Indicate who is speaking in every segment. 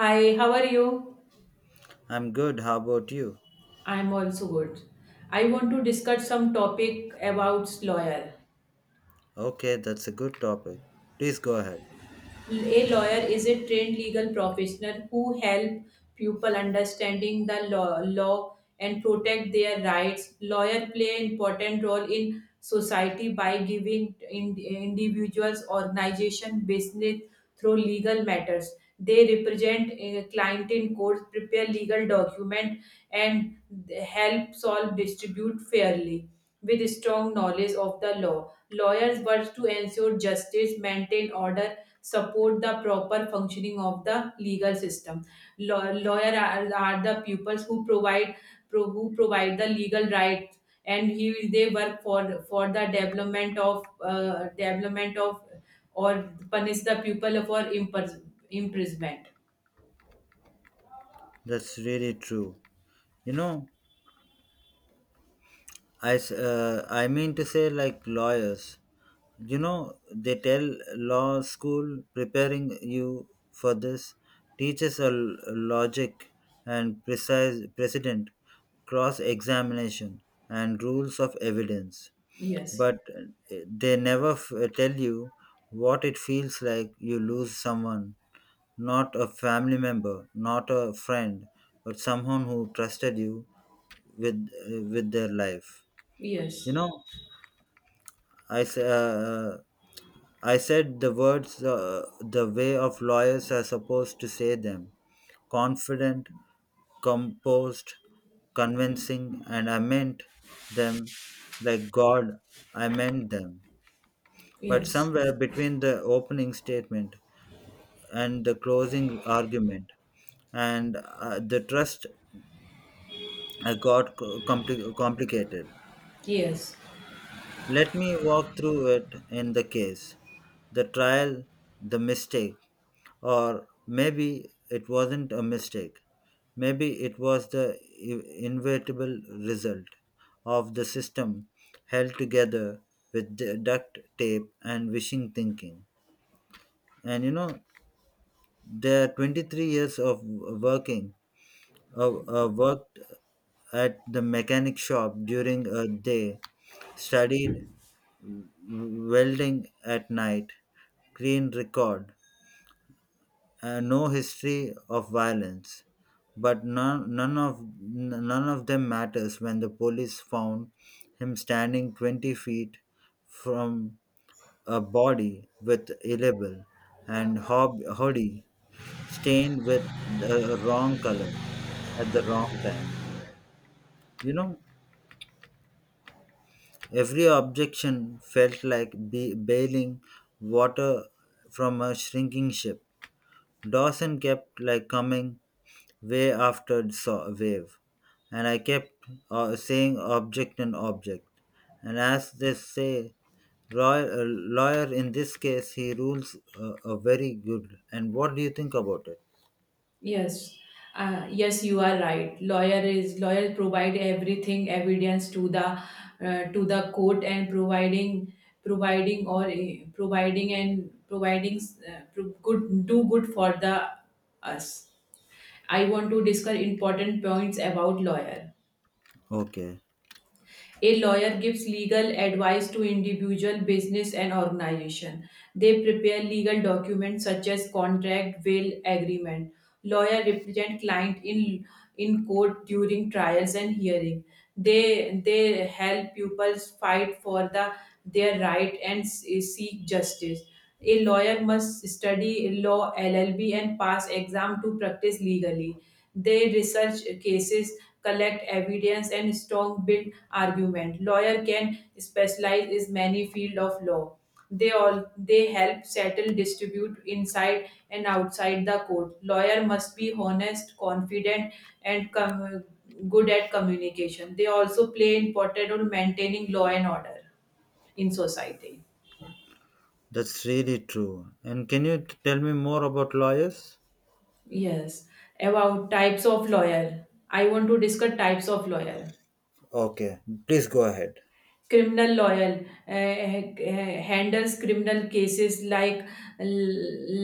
Speaker 1: Hi, how are you?
Speaker 2: I'm good. How about you?
Speaker 1: I'm also good. I want to discuss some topic about lawyer.
Speaker 2: Okay, that's a good topic. Please go ahead.
Speaker 1: A lawyer is a trained legal professional who help people understanding the law, law and protect their rights. Lawyer play an important role in society by giving in, individuals, organization, business through legal matters. They represent a client in court, prepare legal document, and help solve distribute fairly with strong knowledge of the law. Lawyers work to ensure justice, maintain order, support the proper functioning of the legal system. Lawyer are the pupils who provide who provide the legal rights, and he they work for the development of or punish the pupil for imprisonment.
Speaker 2: That's really true. You know, I mean to say, like, lawyers. You know, they tell law school preparing you for this teaches logic and precise precedent, cross examination and rules of evidence.
Speaker 1: Yes,
Speaker 2: But they never tell you what it feels like you lose someone. Not a family member, not a friend, but someone who trusted you with their life. You
Speaker 1: yes,
Speaker 2: know, I s- uh, uh, I said the words the way of lawyers are supposed to say them: confident, composed, convincing, and I meant them like God. I meant them, but
Speaker 1: yes,
Speaker 2: somewhere between the opening statement and the closing argument and the trust got complicated.
Speaker 1: yes.
Speaker 2: Let me walk through it: in the case, the trial, the mistake, or maybe it wasn't a mistake. Maybe it was the inevitable result of the system held together with the duct tape and wishing thinking. And you know, there are 23 years of working worked at the mechanic shop during a day, studied welding at night, clean record, no history of violence. But none of them matters when the police found him standing 20 feet from a body with a label and hoodie stained with the wrong color at the wrong time. You know, every objection felt like bailing water from a shrinking ship. Dawson kept like coming wave after wave, and I kept saying object and object. And as they say, Roy, lawyer in this case, he rules very good. And what do you think about it?
Speaker 1: Yes, yes, you are right. Lawyer is lawyers provide everything evidence to the court and providing providing or providing and providing good do good for the us. I want to discuss important points about lawyer.
Speaker 2: Okay,
Speaker 1: A lawyer gives legal advice to individual, business and organization. They prepare legal documents such as contract, will, agreement. Lawyer represent client in court during trials and hearing. They help pupils fight for the their right and seek justice. A lawyer must study law LLB and pass exam to practice legally. They research cases collect evidence and strong build argument. Lawyer can specialize in many field of law. They all they help settle dispute inside and outside the court. Lawyer must be honest, confident, and good at communication. They also play important role maintaining law and order in society.
Speaker 2: that's really true. And can you tell me more about lawyers?
Speaker 1: Yes, about types of lawyer. I want to discuss types of lawyer.
Speaker 2: Okay, please go ahead.
Speaker 1: Criminal lawyer handles criminal cases like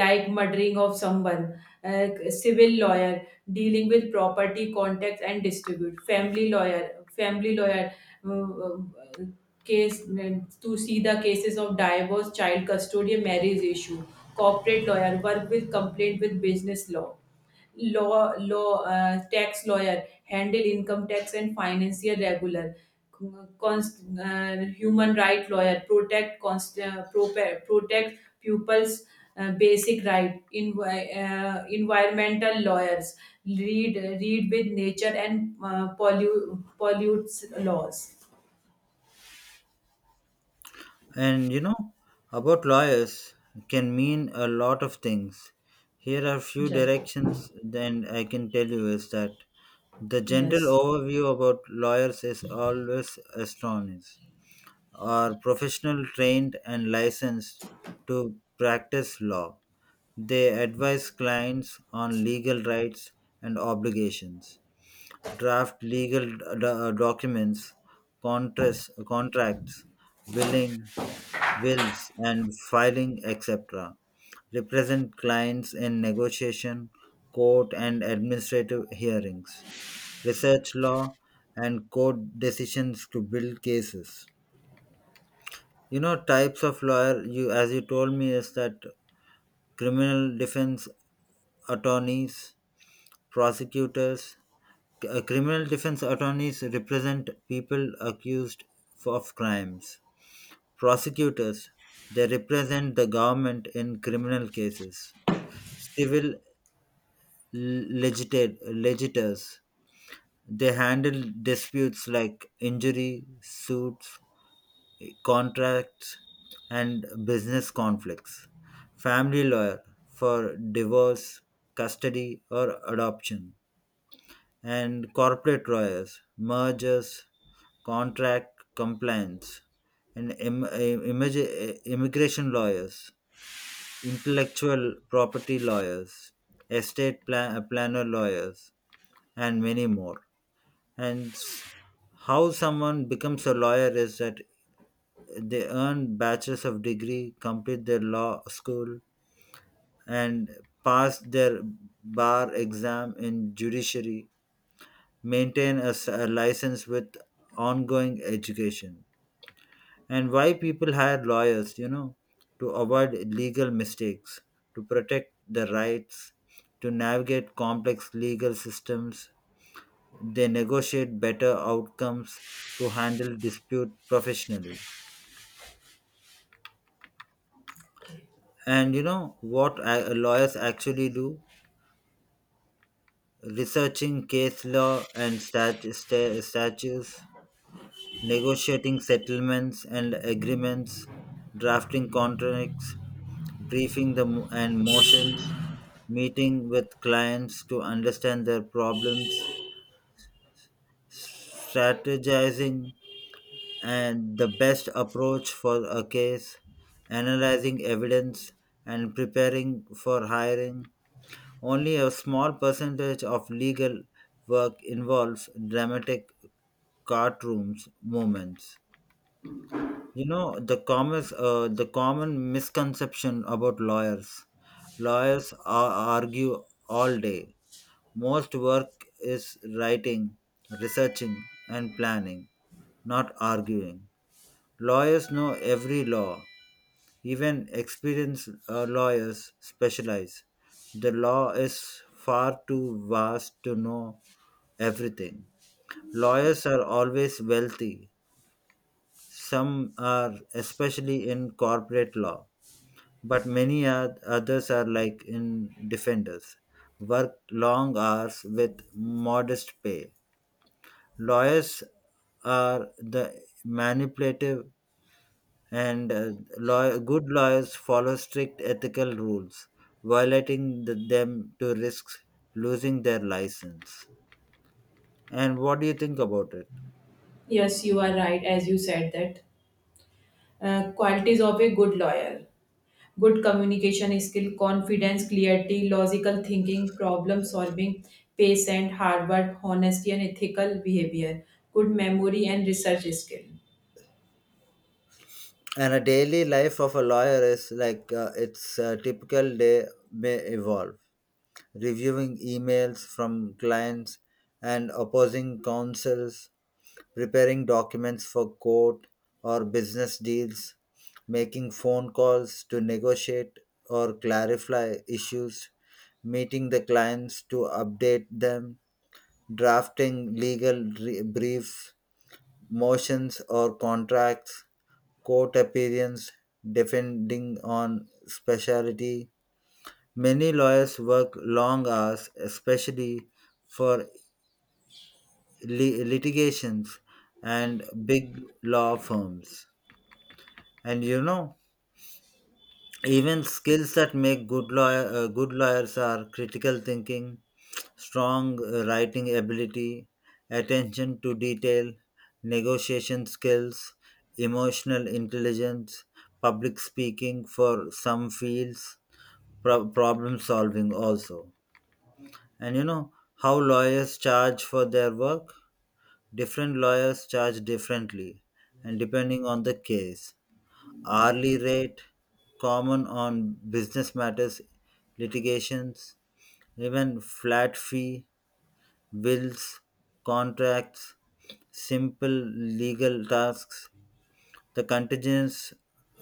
Speaker 1: like murdering of someone. Civil lawyer dealing with property contacts and distribute. Family lawyer uh, uh, case to see the cases of divorce, child custody, marriage issue. Corporate lawyer work with complaint with business law. Tax lawyer handle income tax and financial regular. Human right lawyer protect protect pupils basic right. Environmental lawyers read with nature and pollutes laws.
Speaker 2: And you know, about lawyers can mean a lot of things. Here are few
Speaker 1: Yes.
Speaker 2: directions then I can tell you is that the general
Speaker 1: Yes.
Speaker 2: overview about lawyers is always astonished. Are professional trained and licensed to practice law. They advise clients on legal rights and obligations, draft legal documents, contracts, willing wills, and filing, etc. Represent clients in negotiation, court, and administrative hearings. Research law and court decisions to build cases. You know, types of lawyer, you as you told me, is that criminal defense attorneys, prosecutors. Criminal defense attorneys represent people accused of crimes. Prosecutors, they represent the government in criminal cases. Civil legit- legitors, they handle disputes like injury suits, contracts, and business conflicts. Family lawyer for divorce, custody, or adoption, and corporate lawyers, mergers, contract compliance, and immigration lawyers, intellectual property lawyers, estate planner lawyers, and many more. And s- how someone becomes a lawyer is that they earn bachelor's of degree, complete their law school, and pass their bar exam in judiciary, maintain a license with ongoing education. And why people hire lawyers, you know, to avoid legal mistakes, to protect the rights, to navigate complex legal systems. They negotiate better outcomes to handle dispute professionally.
Speaker 1: Okay.
Speaker 2: And you know what lawyers actually do? Researching case law and statutes, negotiating settlements and agreements, drafting contracts, briefing the mo- and motions, meeting with clients to understand their problems, strategizing and the best approach for a case, analyzing evidence and preparing for hiring. Only a small percentage of legal work involves dramatic courtrooms moments. You know, the common misconception about lawyers. Lawyers argue all day. Most work is writing, researching, and planning, not arguing. Lawyers know every law. Even experienced lawyers specialize. The law is far too vast to know everything. Lawyers are always wealthy. Some are, especially in corporate law, but many others are like in defenders, work long hours with modest pay. Lawyers are the manipulative and good lawyers follow strict ethical rules, violating them to risk losing their license. And what do you think about it?
Speaker 1: Yes, you are right as you said that qualities of a good lawyer. Good communication skill, confidence, clarity, logical thinking, problem solving, patient, hard work, honesty, and ethical behavior. Good memory and research skill.
Speaker 2: And a daily life of a lawyer is like its typical day may evolve reviewing emails from clients and opposing counsels, preparing documents for court or business deals, making phone calls to negotiate or clarify issues, meeting the clients to update them, drafting legal briefs, motions or contracts, court appearance, defending on specialty. Many lawyers work long hours, especially for litigations and big law firms. And you know, even skills that make good lawyers are critical thinking, strong writing ability, attention to detail, negotiation skills, emotional intelligence, public speaking for some fields, problem solving also. And you know how lawyers charge for their work? Different lawyers charge differently and depending on the case. Hourly rate, common on business matters, litigations, even flat fee, wills, contracts, simple legal tasks. The contingency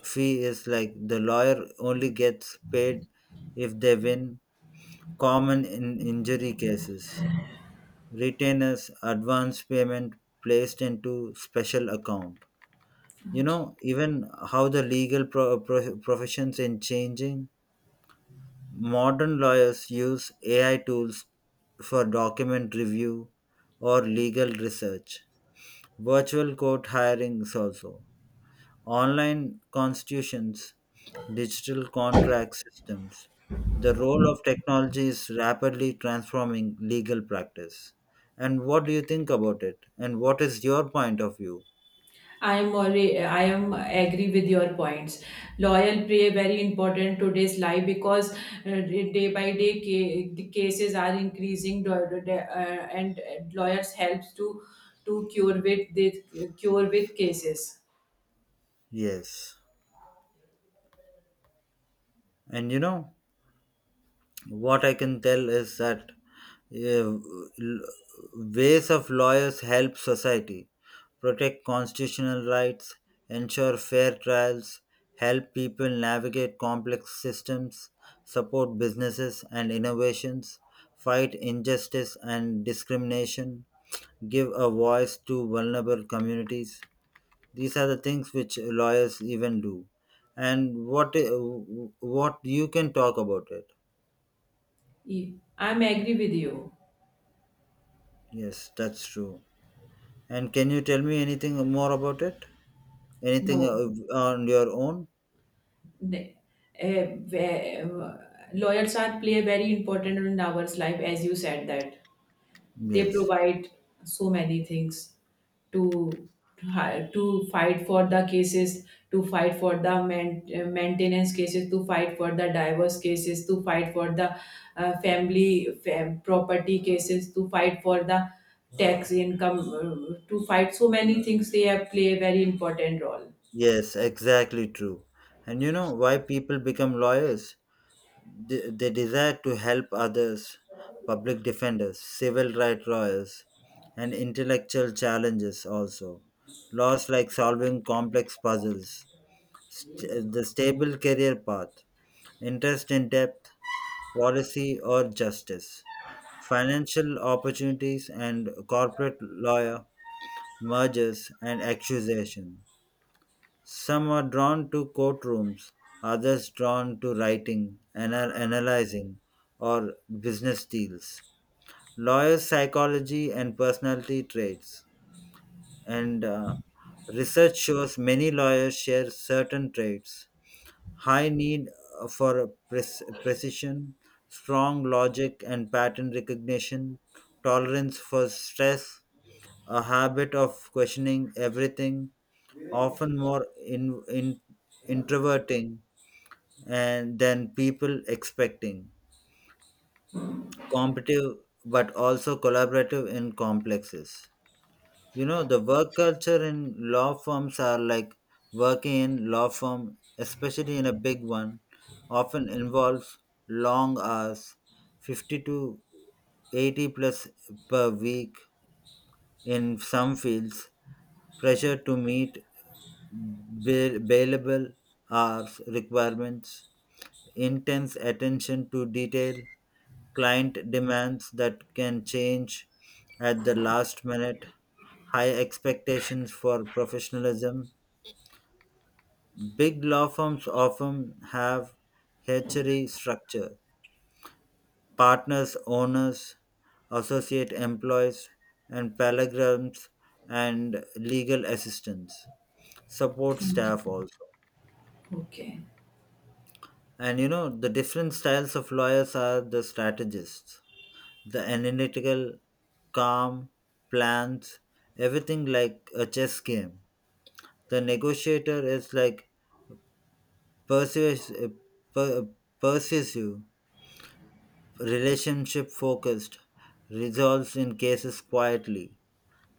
Speaker 2: fee is like the lawyer only gets paid if they win, common in injury cases. Retainers, advance payment placed into special account. You
Speaker 1: Okay.
Speaker 2: know even how the legal professions in changing, modern lawyers use AI tools for document review or legal research, virtual court hirings also, online constitutions, digital contract systems. The role of technology is rapidly transforming legal practice. And what do you think about it? And what is your point of view?
Speaker 1: I am already, I am agree with your points. Loyal play very important today's life because day by day the cases are increasing and lawyers helps to cure with cases.
Speaker 2: Yes. And you know, what I can tell is that uh, ways of lawyers help society: protect constitutional rights, ensure fair trials, help people navigate complex systems, support businesses and innovations, fight injustice and discrimination, give a voice to vulnerable communities. These are the things which lawyers even do. And what you can talk about it?
Speaker 1: E, I am agree with you.
Speaker 2: Yes, that's true. And can you tell me anything more about it? Anything
Speaker 1: No.
Speaker 2: on your own?
Speaker 1: Ne- eh, ve- uh, Lawyers are play a very important role in our life as you said that they
Speaker 2: Yes.
Speaker 1: provide so many things to to fight for the cases, to fight for the maintenance cases, to fight for the divorce cases, to fight for the property cases, to fight for the tax income, to fight so many things. They have play a very important role.
Speaker 2: Yes, exactly true. And you know why people become lawyers? They desire to help others, public defenders, civil rights lawyers, and intellectual challenges also. Laws like solving complex puzzles, the stable career path, interest in depth, policy, or justice. Financial opportunities and corporate lawyer, mergers and accusation. Some are drawn to courtrooms, others drawn to writing, analyzing, or business deals. Lawyers' psychology and personality traits. And research shows many lawyers share certain traits: high need uh, for precision, strong logic and pattern recognition, tolerance for stress, a habit of questioning everything, often more in introverting and than people expecting, competitive but also collaborative in complexes. You know the work culture in law firms are like working in law firm, especially in a big one, often involves long hours, 50 to 80 plus per week in some fields, pressure to meet bailable hours requirements, intense attention to detail, client demands that can change at the last minute, high expectations for professionalism. Big law firms often have hierarchy structure. Partners, owners, associate employees, and paralegals and legal assistants, support
Speaker 1: Okay,
Speaker 2: staff also.
Speaker 1: okay.
Speaker 2: And you know, the different styles of lawyers are the strategists, the analytical, calm, plans, everything like a chess game. The negotiator is like persuas- uh, per- uh, persuasive, relationship focused, resolves in cases quietly.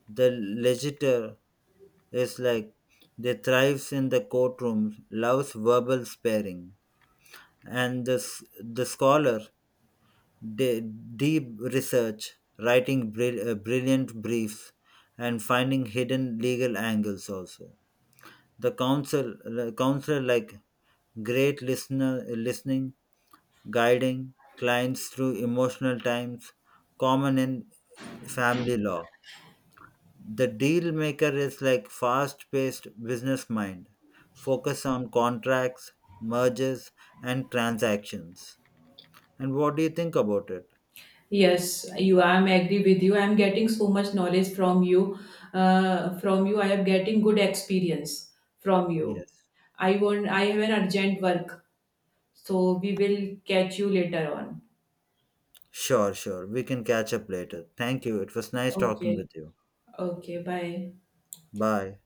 Speaker 2: The legitor is like they thrives in the courtroom, loves verbal sparing, and the scholar, de- deep research, writing brilliant briefs, and finding hidden legal angles also. The counsel, counselor like great listener, listening, guiding clients through emotional times, common in family law. The deal maker is like fast paced business mind, focus on contracts, mergers, and transactions. And what do you think about it?
Speaker 1: Yes, you. I'm agree with you. I'm getting so much knowledge from you. From you, I am getting good experience from you.
Speaker 2: Yes.
Speaker 1: I won't. I have an urgent work, so we will catch you later on.
Speaker 2: Sure, sure. We can catch up later. Thank you. It was nice talking
Speaker 1: Okay.
Speaker 2: with you.
Speaker 1: Okay. Bye.
Speaker 2: Bye.